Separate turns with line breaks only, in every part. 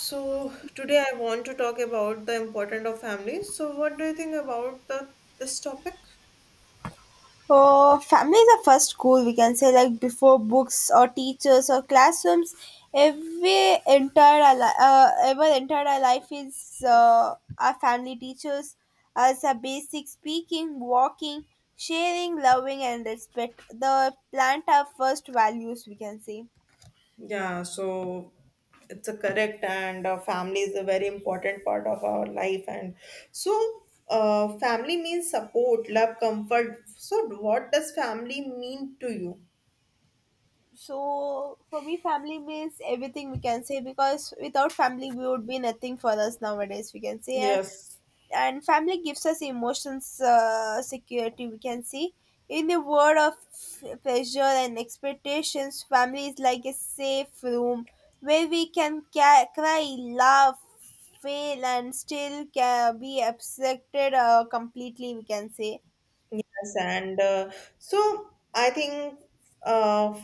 So today I want to talk about the importance of family. So what do you think about the this topic?
Family is the first school, we can say, like before books or teachers or classrooms. Every entire our life is our family teachers as a basic speaking, walking, sharing, loving and respect the plant our first values, we can say.
Yeah, so it's a correct and family is a very important part of our life and so family means support, love, comfort. So what does family mean to you?
So for me family means everything, we can say, because without family we would be nothing for us nowadays, we can say. and
Yes.
and family gives us emotions, security, we can see. In a world of pressure and expectations, family is like a safe room where we can cry, laugh, fail and still be accepted completely, we can say.
Yes, and so I think uh,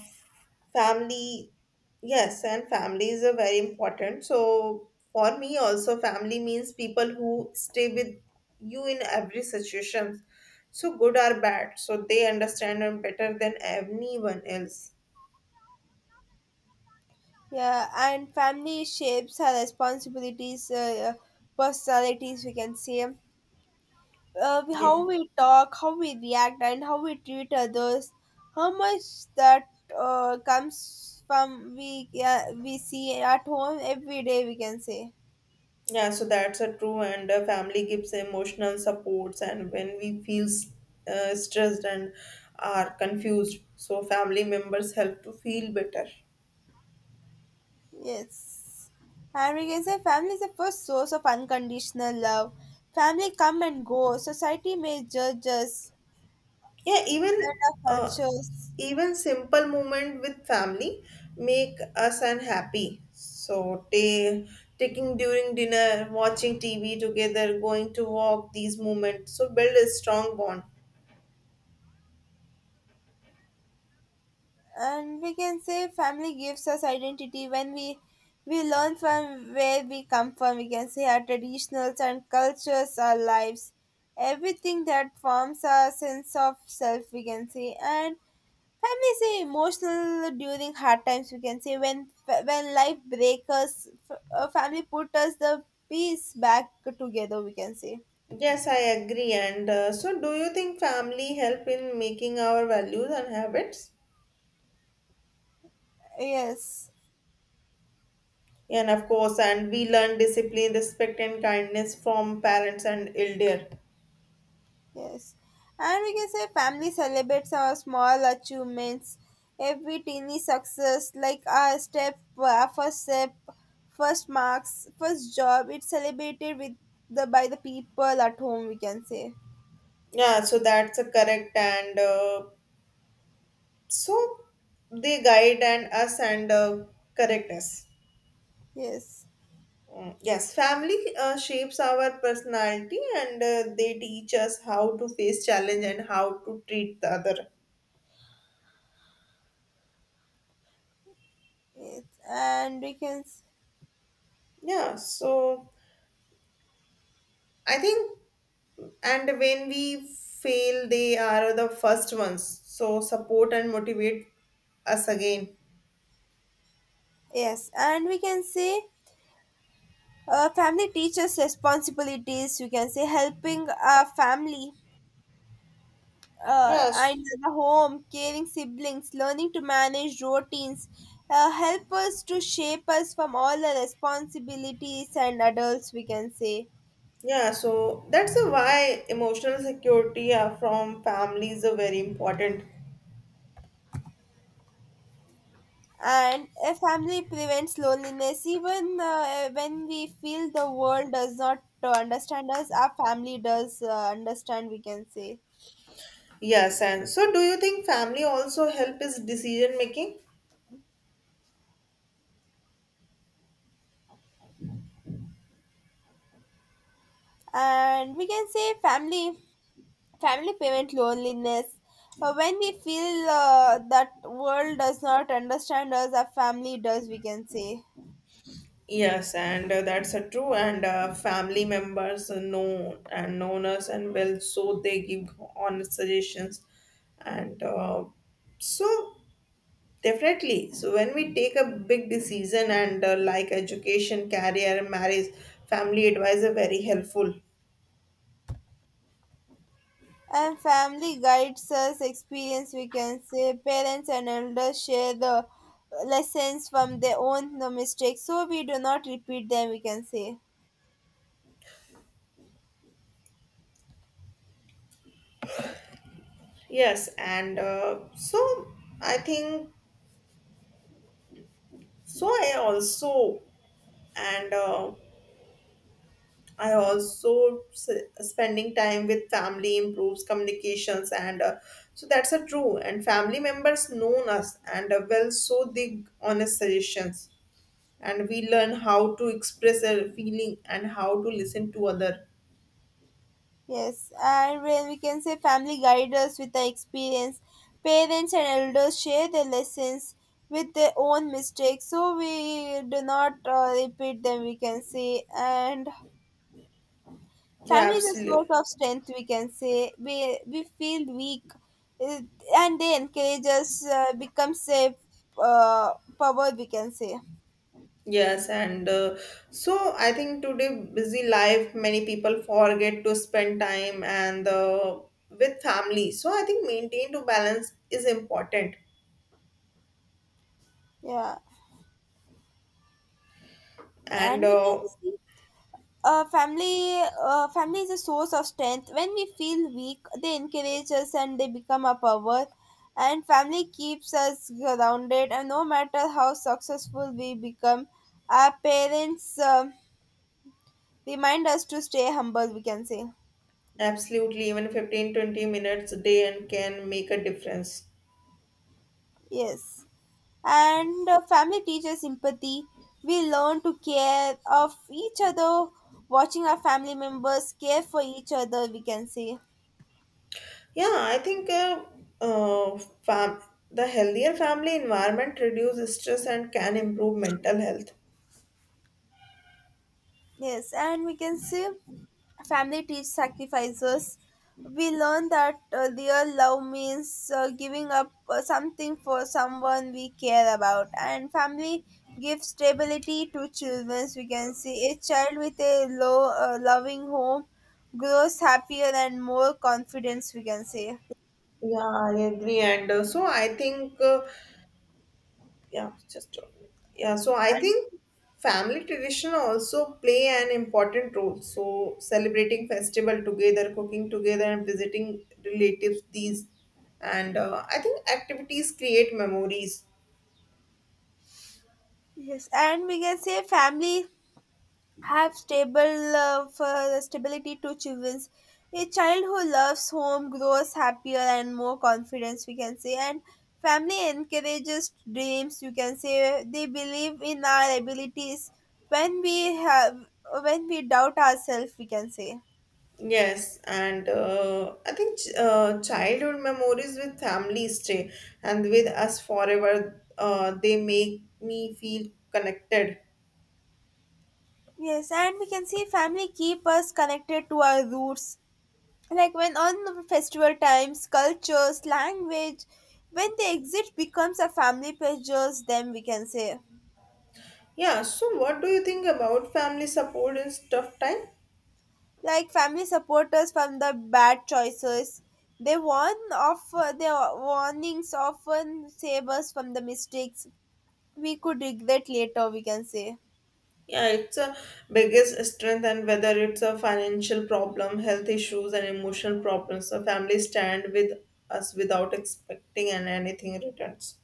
family, yes, and families are very important. So for me also, family means people who stay with you in every situation, so good or bad. So they understand them better than anyone else.
Yeah, and family shapes our responsibilities, personalities, we can say.
Yeah.
How we talk, how we react, and how we treat others, how much that comes from we see at home every day, we can say.
Yeah, so that's a true, and family gives emotional supports, and when we feel stressed and are confused, so family members help to feel better.
Yes, and we can say family is the first source of unconditional love. Family come and go. Society may judge us,
Yeah, even uh,
cultures,
even simple moment with family make us unhappy. So taking during dinner, watching TV together, going to walk, these moments so build a strong bond.
and we can say family gives us identity when we learn from where we come from, we can say, our traditionals and cultures, our lives, everything that forms our sense of self, we can say. And family is emotional during hard times, we can say, when life breaks us family put us the piece back together, we can say.
Yes, I agree. And so, do you think family help in making our values and habits?
Yes.
And of course, and we learn discipline, respect, and kindness from parents and elder.
Yes. And we can say family celebrates our small achievements, every teeny success, like our step, our first step, first marks, first job. It's celebrated with the by the people at home, we can say.
Yeah, so that's a correct. And so they guide and us and correct us.
Yes.
Mm, yes, family shapes our personality and they teach us how to face challenge and how to treat the other.
Yes, and
Yeah, so I think. And when we fail they are the first ones so support and motivate us again.
yes, and we can say, family teaches responsibilities. We can say helping our family
Yes.
and the home, caring siblings, learning to manage routines, help us to shape us from all the responsibilities and adults, we can say.
Yeah, so that's a why emotional security from families are very important.
And a family prevents loneliness. Even when we feel the world does not understand us, our family does understand, we can say.
Yes, and so do you think family also help is decision making.
And we can say family. Family payment loneliness. When we feel that world does not understand us, our family does, we can say.
Yes and that's a true and family members know and known us and well so they give honest suggestions and so definitely. So when we take a big decision and like education, career, marriage, family advice are very helpful.
And family guides us, experience, we can say. Parents and elders share the lessons from their own the mistakes, so we do not repeat them, we can say.
Yes, and so I think so. And uh, I also s- spending time with family improves communications and so that's a true. And family members known us and well, so they honest suggestions and we learn how to express a feeling and how to listen to other.
Yes, and when we can say family guide us with the experience, parents and elders share their lessons with their own mistakes, so we do not repeat them, we can say. And
Yeah,
family is a source
absolutely.
of strength. We can say we feel weak, uh, and they encourage us becomes a uh, power, we can say.
Yes, and so I think today busy life, many people forget to spend time and with family. So I think maintain to balance is important,
Yeah, and
and
we can see, family is a source of strength. When we feel weak, they encourage us and they become our power. And family keeps us grounded, and no matter how successful we become, our parents remind us to stay humble, we can say.
absolutely even 15 to 20 minutes a day and can make a difference.
Yes, and family teaches empathy. We learn to care of each other, watching our family members care for each other, we can say.
Yeah, I think uh, fam- the healthier family environment reduces stress and can improve mental health.
Yes, and we can say family teach sacrifices. We learn that real love means giving up something for someone we care about. And family gives stability to children. We can see a child with a low loving home grows happier and more confidence, we can say.
Yeah, I agree. And so I think. Yeah just yeah so I think family tradition also play an important role so celebrating festival together cooking together and visiting relatives these and I think activities create memories.
Yes, and we can say family have stable for stability to children. A child who loves home grows happier and more confidence, we can say. And family encourages dreams. You can say they believe in our abilities when we have, when we doubt ourselves, we can say.
Yes and I think childhood memories with family stay and with us forever they make me feel connected.
Yes, and we can see family keep us connected to our roots. Like when on the festival times, cultures, language, when they exist becomes a family pleasures. Them, we can say.
Yeah so what do you think about family support in tough time?
Like family support from the bad choices, they warn of their warnings often save us from the mistakes we could regret later, we can say.
Yeah, it's a biggest strength, and whether it's a financial problem, health issues, and emotional problems, a family stand with us without expecting and anything returns.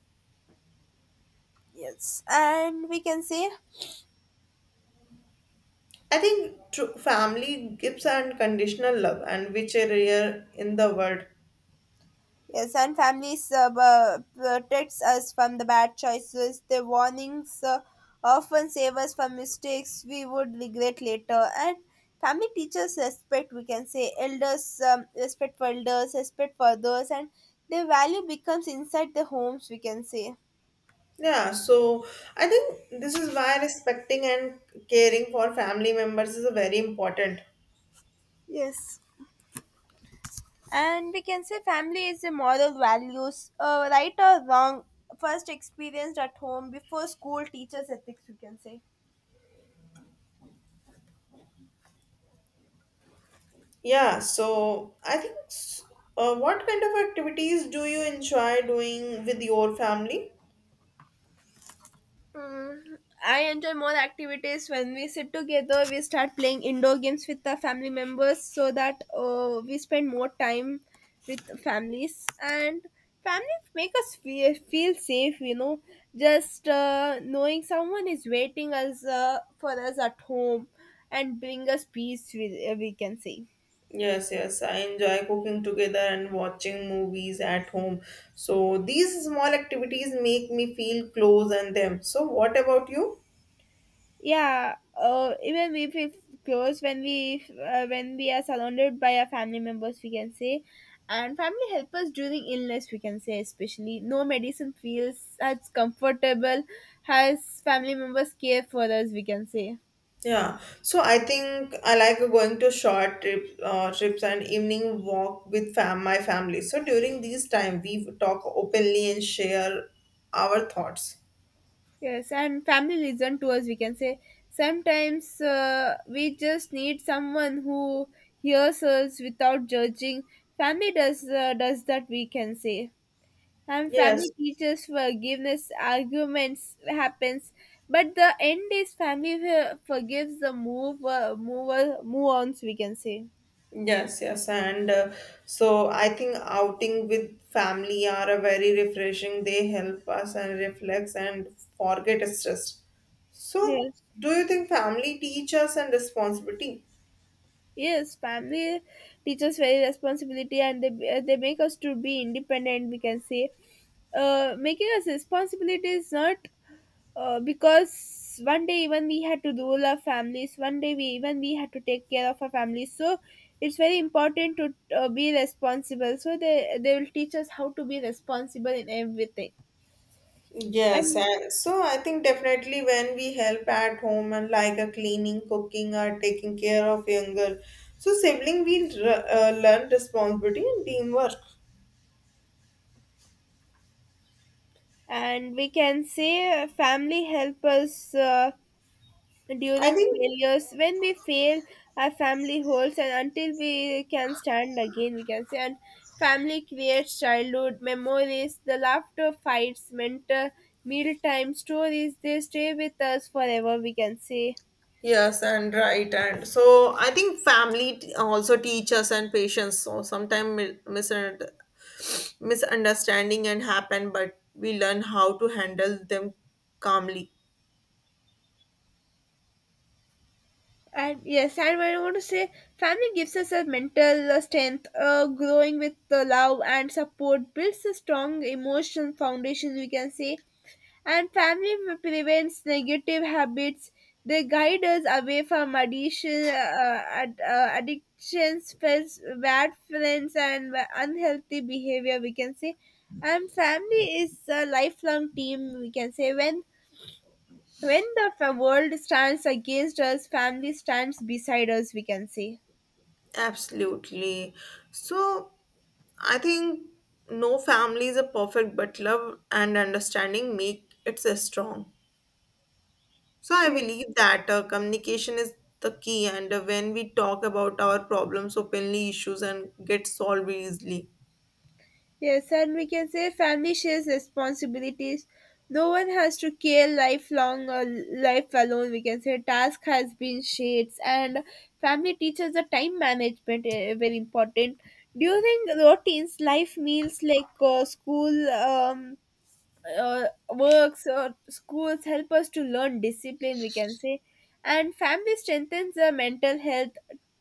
Yes, and we can say.
I think true family gives unconditional love, and which are rare in the world.
Yes, and families protects us from the bad choices. The warnings often save us from mistakes we would regret later. And family teaches respect. We can say elders, respect for elders, respect for others, and their value becomes inside the homes, we can say.
Yeah, so I think this is why respecting and caring for family members is very important.
Yes. And we can say family is a moral values, right or wrong. First experienced at home before school teaches ethics, we can say.
Yeah, so I think, what kind of activities do you enjoy doing with your family?
Mm, I enjoy more activities when we sit together. We start playing indoor games with the family members, so that we spend more time with families. And family make us feel safe, you know, just knowing someone is waiting us for us at home and bring us peace, we can say.
Yes, yes, I enjoy cooking together and watching movies at home. So these small activities make me feel close and them. So what about you?
Yeah, even we feel close when we are surrounded by our family members, we can say. And family help us during illness, we can say, especially no medicine feels as comfortable as family members care for us, we can say.
Yeah, so I think I like going to short trips and evening walk with fam my family. So during these time, we talk openly and share our thoughts.
Yes, and family listen to us, we can say. Sometimes we just need someone who hears us without judging. Family does that, we can say. And family
Yes.
teaches forgiveness. Arguments happens, but the end is family forgives, the move ons, we can say.
Yes, yes, and so I think outing with family are a very refreshing. They help us and reflex and forget stress. So,
Yes.
do you think family teach us and responsibility?
Yes, family teaches very responsibility, and they make us to be independent, we can say. Making us responsibility is not because one day even we had to rule our families, one day we even we had to take care of our families, so it's very important to be responsible, so they will teach us how to be responsible in everything.
Yes,
and
and so I think definitely when we help at home and like a cleaning, cooking, or taking care of younger, so sibling we learn responsibility and teamwork.
and we can say family help us
I
during
think.
failures. When we fail, our family holds, and until we can stand again, we can say. And family creates childhood memories, the laughter, fights, mentor, mealtime stories, they stay with us forever, we can say.
Yes, and right. And so I think family also teach us and patience. So sometimes misunderstanding and happen, but we learn how to handle them calmly.
And yes, and I want to say, family gives us a mental strength. Growing with the love and support builds a strong emotional foundation, we can say. And family prevents negative habits. They guide us away from addition, addictions, friends, bad friends, and unhealthy behavior, we can say. And family is a lifelong team, we can say, when the world stands against us, family stands beside us, we can say.
Absolutely. So I think no family is a perfect, but love and understanding make it a strong. So I
Yeah.
believe that communication is the key, and when we talk about our problems openly, issues and get solved easily.
Yes, and we can say family shares responsibilities. No one has to care lifelong or life alone, we can say. Task has been shared. And family teaches the time management, very important during routines, life meals like school. Uh, Works or schools help us to learn discipline, we can say. And family strengthens the mental health,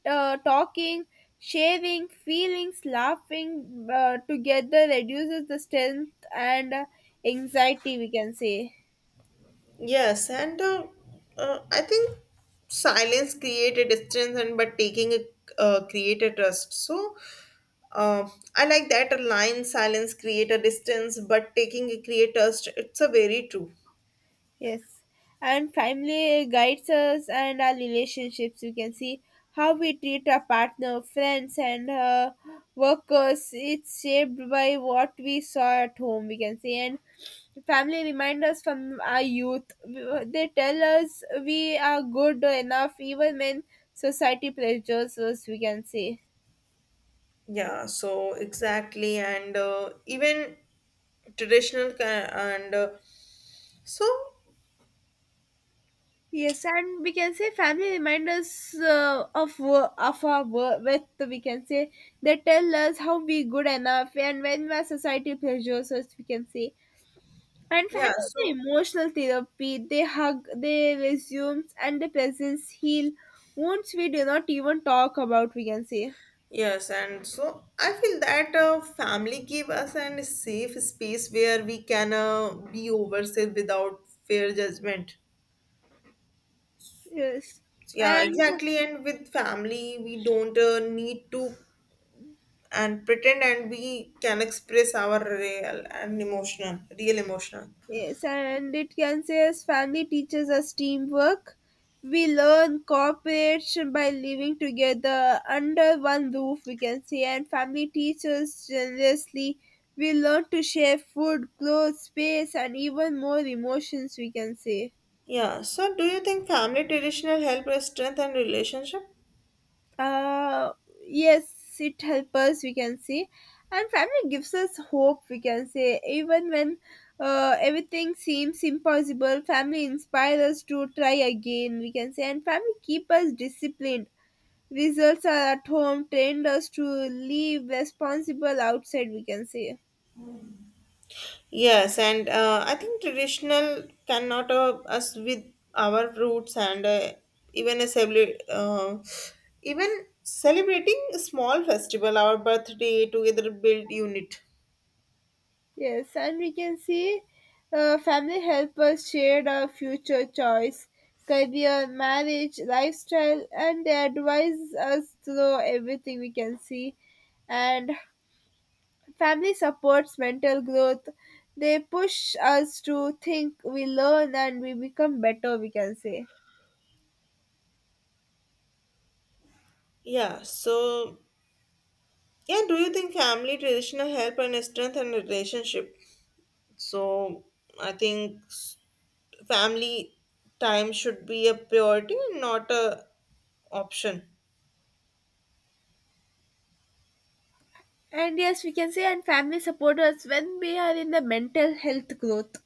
talking, sharing feelings, laughing together, reduces the strength and anxiety, we can say.
Yes, and I think silence created distance, and but taking it create a trust. So uh, I like that a line: silence create a distance, but taking it create trust. It's a very true.
Yes, and family guides us and our relationships. You can see how we treat our partner, friends, and workers. It's shaped by what we saw at home, we can see. And family remind us from our youth. They tell us we are good enough even when society pressures us, we can say.
Yeah. So exactly, and even traditional ki- and so
Yes, and we can say family remind us of our worth, we can say. They tell us how we good enough, and when our society pressures us, we can say. And
yeah.
family is
So
an emotional therapy. They hug, they resumes, and the presence heal wounds we do not even talk about, we can say.
yes, and so I feel that family give us an safe space where we can be ourselves without fear judgment.
Yes,
Yeah,
and
exactly. And with family, we don't need to and pretend, and we can express our real and emotional, real emotional.
yes, and it can say as family teaches us teamwork. We learn cooperation by living together under one roof, we can say. And family teaches generously. We learn to share food, clothes, space, and even more emotions, we can say.
Yeah. So, do you think family traditional help us strengthen relationship?
uh yes, it helps us, we can see. And family gives us hope, we can say. Even when everything seems impossible, family inspires us to try again, we can say. And family keep us disciplined. Results are at home trained us to live responsible outside, we can say.
Yes, and I think traditional cannot us with our roots and even a celebrate uh, even celebrating a small festival, our birthday together build unit.
Yes, and we can see family help us share our future choice, career, marriage, lifestyle, and they advise us through everything, we can see. And family supports mental growth. They push us to think, we learn, and we become better, we can say.
Yeah. So yeah, do you think family traditional help and strengthen relationship? So I think family time should be a priority and not a option.
And yes, we can say, and family support us when we are in the mental health growth.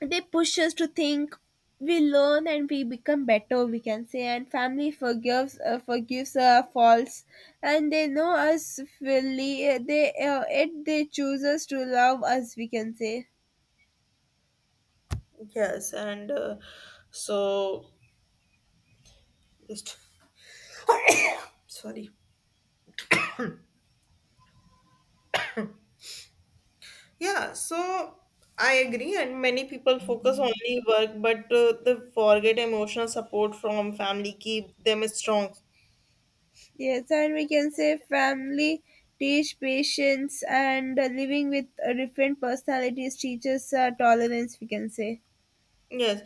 They push us to think, we learn, and we become better, we can say. And family forgives, forgives our faults, and they know us fully. They choose us to love us, we can say.
Yes, and so just. sorry. Yeah so I agree and many people focus only work but they forget emotional support from family keep them strong.
Yes, and we can say family teach patience and, living with different personalities teaches tolerance, we can say.
Yes.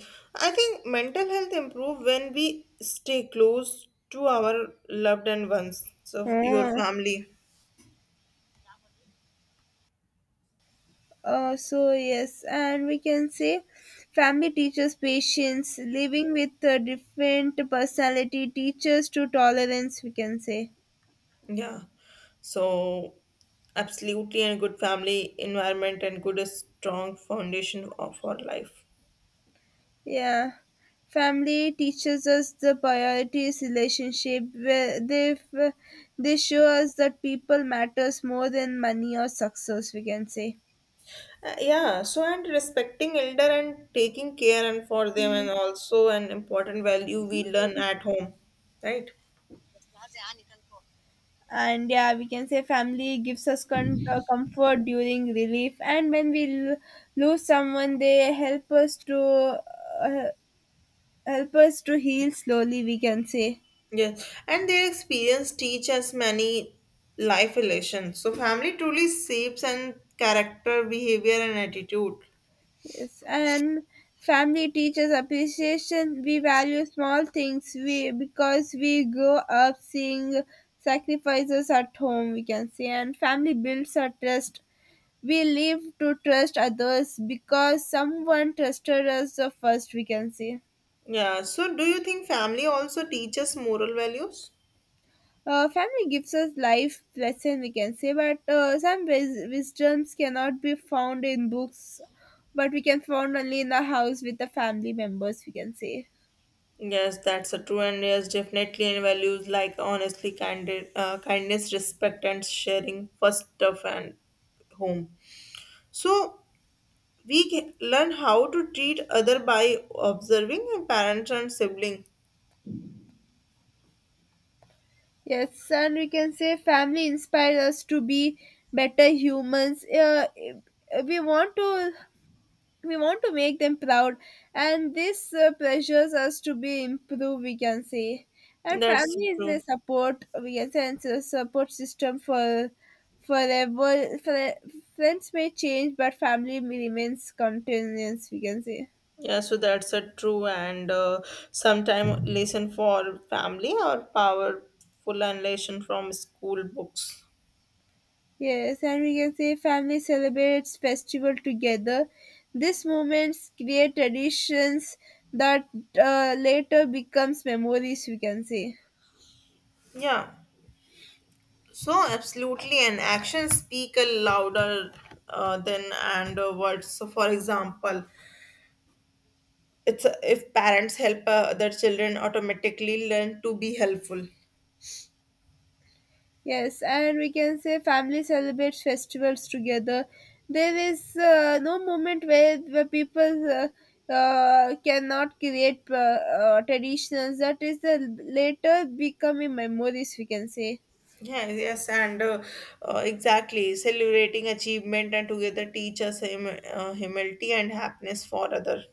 I think mental health improve when we stay close to our loved and ones so your
Oh.
family.
So yes, and we can say family teaches patience, living with a different personality teaches to tolerance, we can say.
Yeah so absolutely and good family environment and good strong foundation of our life.
Yeah, family teaches us the priorities relationship where they show us that people matters more than money or success, we can say.
Yeah, so and respecting elder and taking care and for them
Mhm.
and also an important value we learn at home, right?
And yeah, we can say family gives us comfort during relief, and when we lose someone, they help us to, uh, heal slowly, we can say.
Yes, and their experience teach us many life lessons. So family truly shapes and character, behavior and attitude.
Yes, and family teaches appreciation, we value small things, we, because we grow up seeing sacrifices at home, we can say. And family builds our trust, we live to trust others because someone trusted us the first, we can say.
Yeah, so do you think family also teaches moral values?
Family gives us life lesson, we can say, but some wisdoms cannot be found in books, but we can found only in the house with the family members, we can say.
Yes, that's a true and yes, definitely in values like honestly, candid, kindness, respect, and sharing first stuff and home. So we can learn how to treat other by observing our parents and sibling.
Yes, and we can say family inspires us to be better humans. We want to we want to make them proud, and this pressures us to be improved, we can say. And
That's
family is a
true.
support, we can say, and it's a support system for forever. Friends may change, but family remains continuous, we can say.
Yeah so that's a true and sometime lesson for family or powerful and lesson from school books.
Yes, and we can say family celebrates festival together, these moments create traditions that later becomes memories, we can say.
Yeah so absolutely and actions speak a louder than and words so for example it's if parents help their children automatically learn to be helpful.
Yes, and we can say family celebrates festivals together. There is no moment where people cannot create traditions. That is the later becoming memories, we can say.
Yeah, yes, and exactly celebrating achievement and together teaches us humility and happiness for other.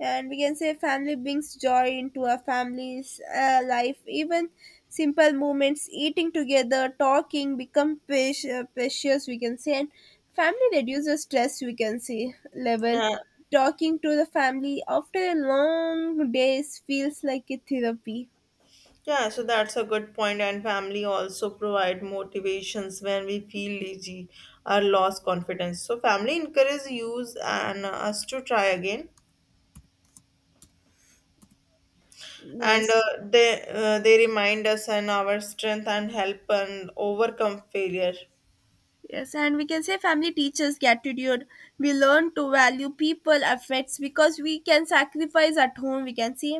And we can say family brings joy into a family's life, even simple moments, eating together, talking, become precious, we can say. And family reduces stress, we can say, level.
Yeah,
Talking to the family after a long days feels like a therapy.
yeah. So that's a good point. And family also provide motivations when we feel lazy or lost confidence. So family encourage use and us to try again, and
Yes.
they remind us and our strength and help and overcome failure.
Yes, and we can say family teaches gratitude. We learn to value people, affects, because we can sacrifice at home, we can see.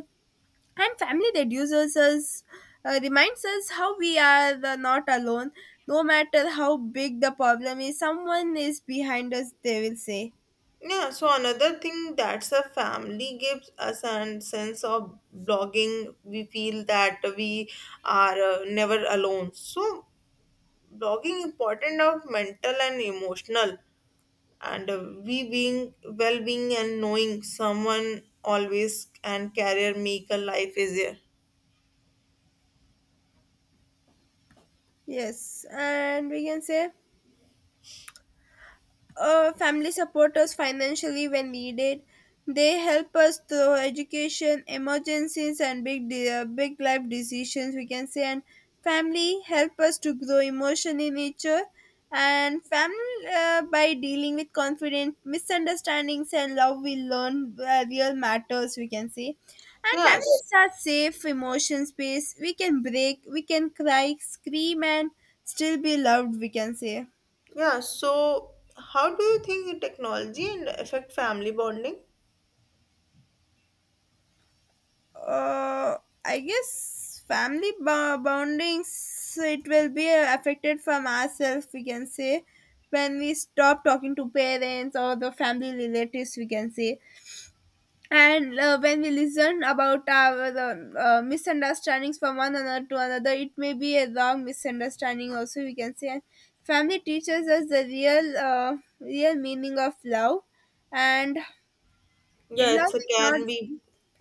And family reduces us, reminds us how we are the not alone. No matter how big the problem is, someone is behind us, they will say.
Yeah, so another thing that's a family gives us a sense of blogging. We feel that we are never alone. So blogging important of mental and emotional, and we being well being and knowing someone always and career make a life easier.
Yes, and we can say, family support us financially when needed. They help us through education, emergencies, and big, big life decisions, we can say. And family help us to grow emotionally in nature, and family, by dealing with confident misunderstandings and love, we learn real matters, we can say. And family
Yes,
is our safe emotion space. We can break, we can cry, scream, and still be loved, we can say.
yeah. So how do you think technology and affect family bonding?
uh, I guess family bondings, it will be affected from ourselves, we can say. When we stop talking to parents or the family relatives, we can say. And when we listen about our the, misunderstandings from one another to another, it may be a wrong misunderstanding also, we can say. And family teaches us the real real meaning of love. And in
Yeah,
love
it's a
is not.
can be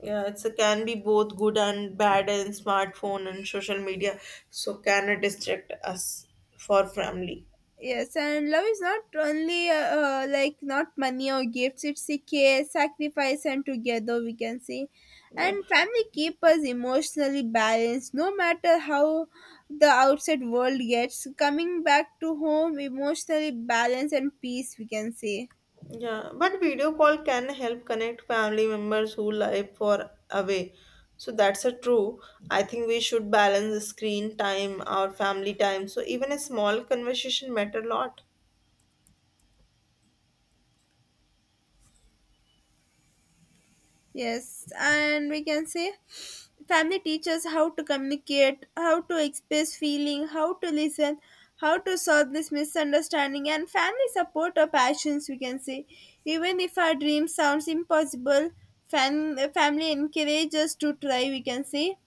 yeah, it's a can be both good and bad in smartphone and social media. So can it distract us for family?
Yes, and love is not only like not money or gifts, it's a care, sacrifice, and together, we can say.
Yeah.
And family keep us emotionally balanced no matter how the outside world gets. Coming back to home, emotionally balanced and peace, we can say.
Yeah. But video call can help connect family members who live for away. So that's a true. I think we should balance the screen time, our family time. So even a small conversation matter a lot.
Yes, and we can say family teaches how to communicate, how to express feeling, how to listen, how to solve this misunderstanding, and family support our passions, we can say. Even if our dream sounds impossible, family encourages us to try, we can say.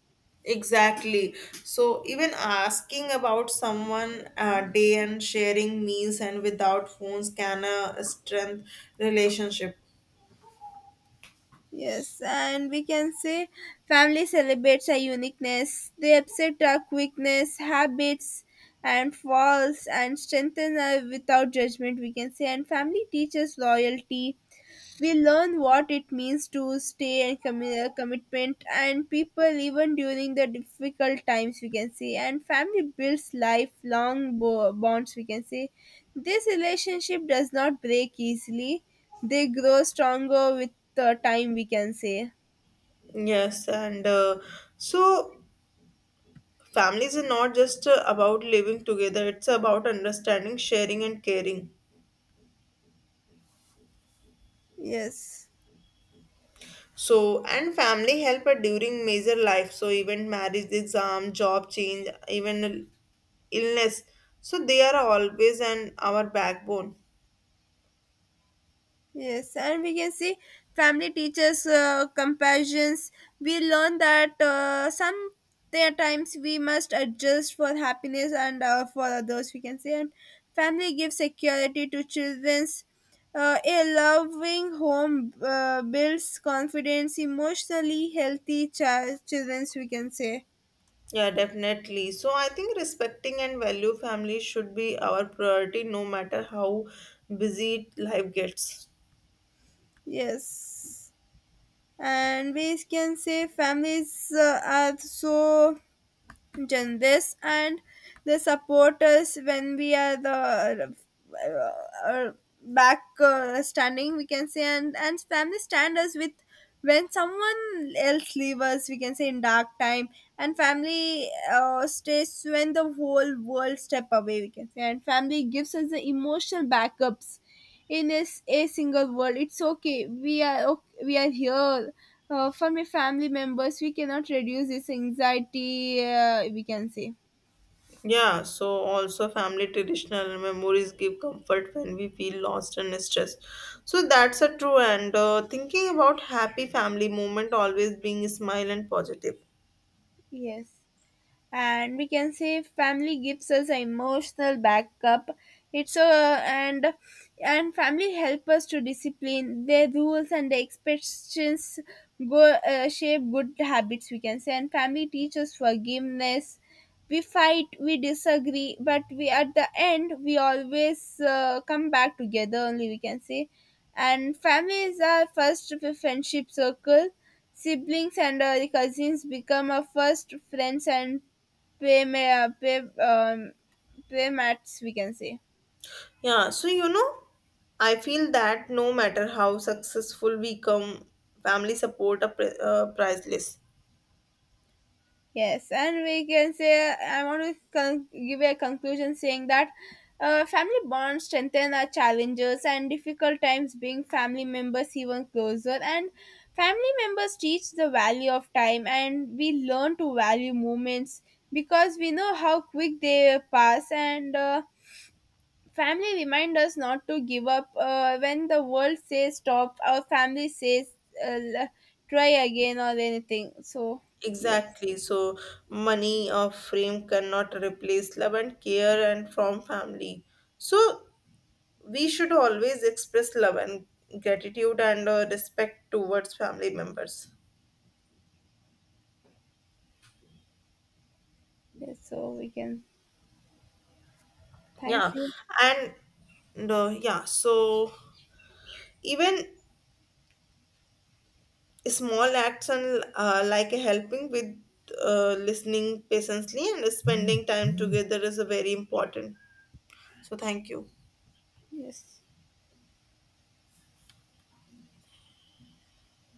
Exactly. So even asking about someone day and sharing meals and without phones can strengthen relationship.
Yes, and we can say family celebrates our uniqueness. They accept our quickness, habits, and faults, and strengthen us without judgment, we can say. And family teaches loyalty, we learn what it means to stay and commitment and people, even during the difficult times, we can say. And family builds lifelong bonds, we can say. This relationship does not break easily, they grow stronger with the time, we can say.
Yes, and so families are not just about living together. It's about understanding, sharing, and caring.
Yes.
So and family help during major life. So even marriage, exam, job change, even illness. So they are always and our backbone.
Yes, and we can see family teaches compassions. We learn that some there times we must adjust for happiness and for others, we can say. And family gives security to childrens. A loving home builds confidence, emotionally healthy childrens, we can say.
Yeah, definitely. So I think respecting and value family should be our priority no matter how busy life gets.
Yes, and we can say families are so genres, and they support us when we are the, uh, uh, back, standing, we can say. And family stand us with, when someone else leaves us, we can say, in dark time. And family stays when the whole world step away, we can say. And family gives us the emotional backups in a, a single world, it's okay, we are okay, we are here for my family members, we cannot reduce this anxiety, we can say.
Yeah, so also family traditional memories give comfort when we feel lost and stressed. So that's a true and thinking about happy family moment always being smile and positive.
Yes, and we can say family gives us an emotional backup. It's a, and and family help us to discipline their rules and their expectations, go shape good habits, we can say. And family teaches forgiveness, we fight, we disagree, but we at the end we always come back together only, we can say. And family is our first friendship circle, siblings and cousins become our first friends. And play, um, play mats, we can say.
Yeah, so you know, I feel that no matter how successful we come, family support are priceless.
Yes, and we can say, I want to give a conclusion saying that family bonds strengthen our challenges, and difficult times bring family members even closer. And family members teach the value of time, and we learn to value moments because we know how quick they pass. And family remind us not to give up. When the world says stop, our family says, uh, l- try again or anything. So, yes,
Exactly. So money or fame cannot replace love and care and from family. So we should always express love and gratitude and respect towards family members.
yes. So we can.
Yeah.
Thank you.
And no, yeah. So even small acts and like a helping with listening patiently and spending time together is a very important. So thank you.
Yes.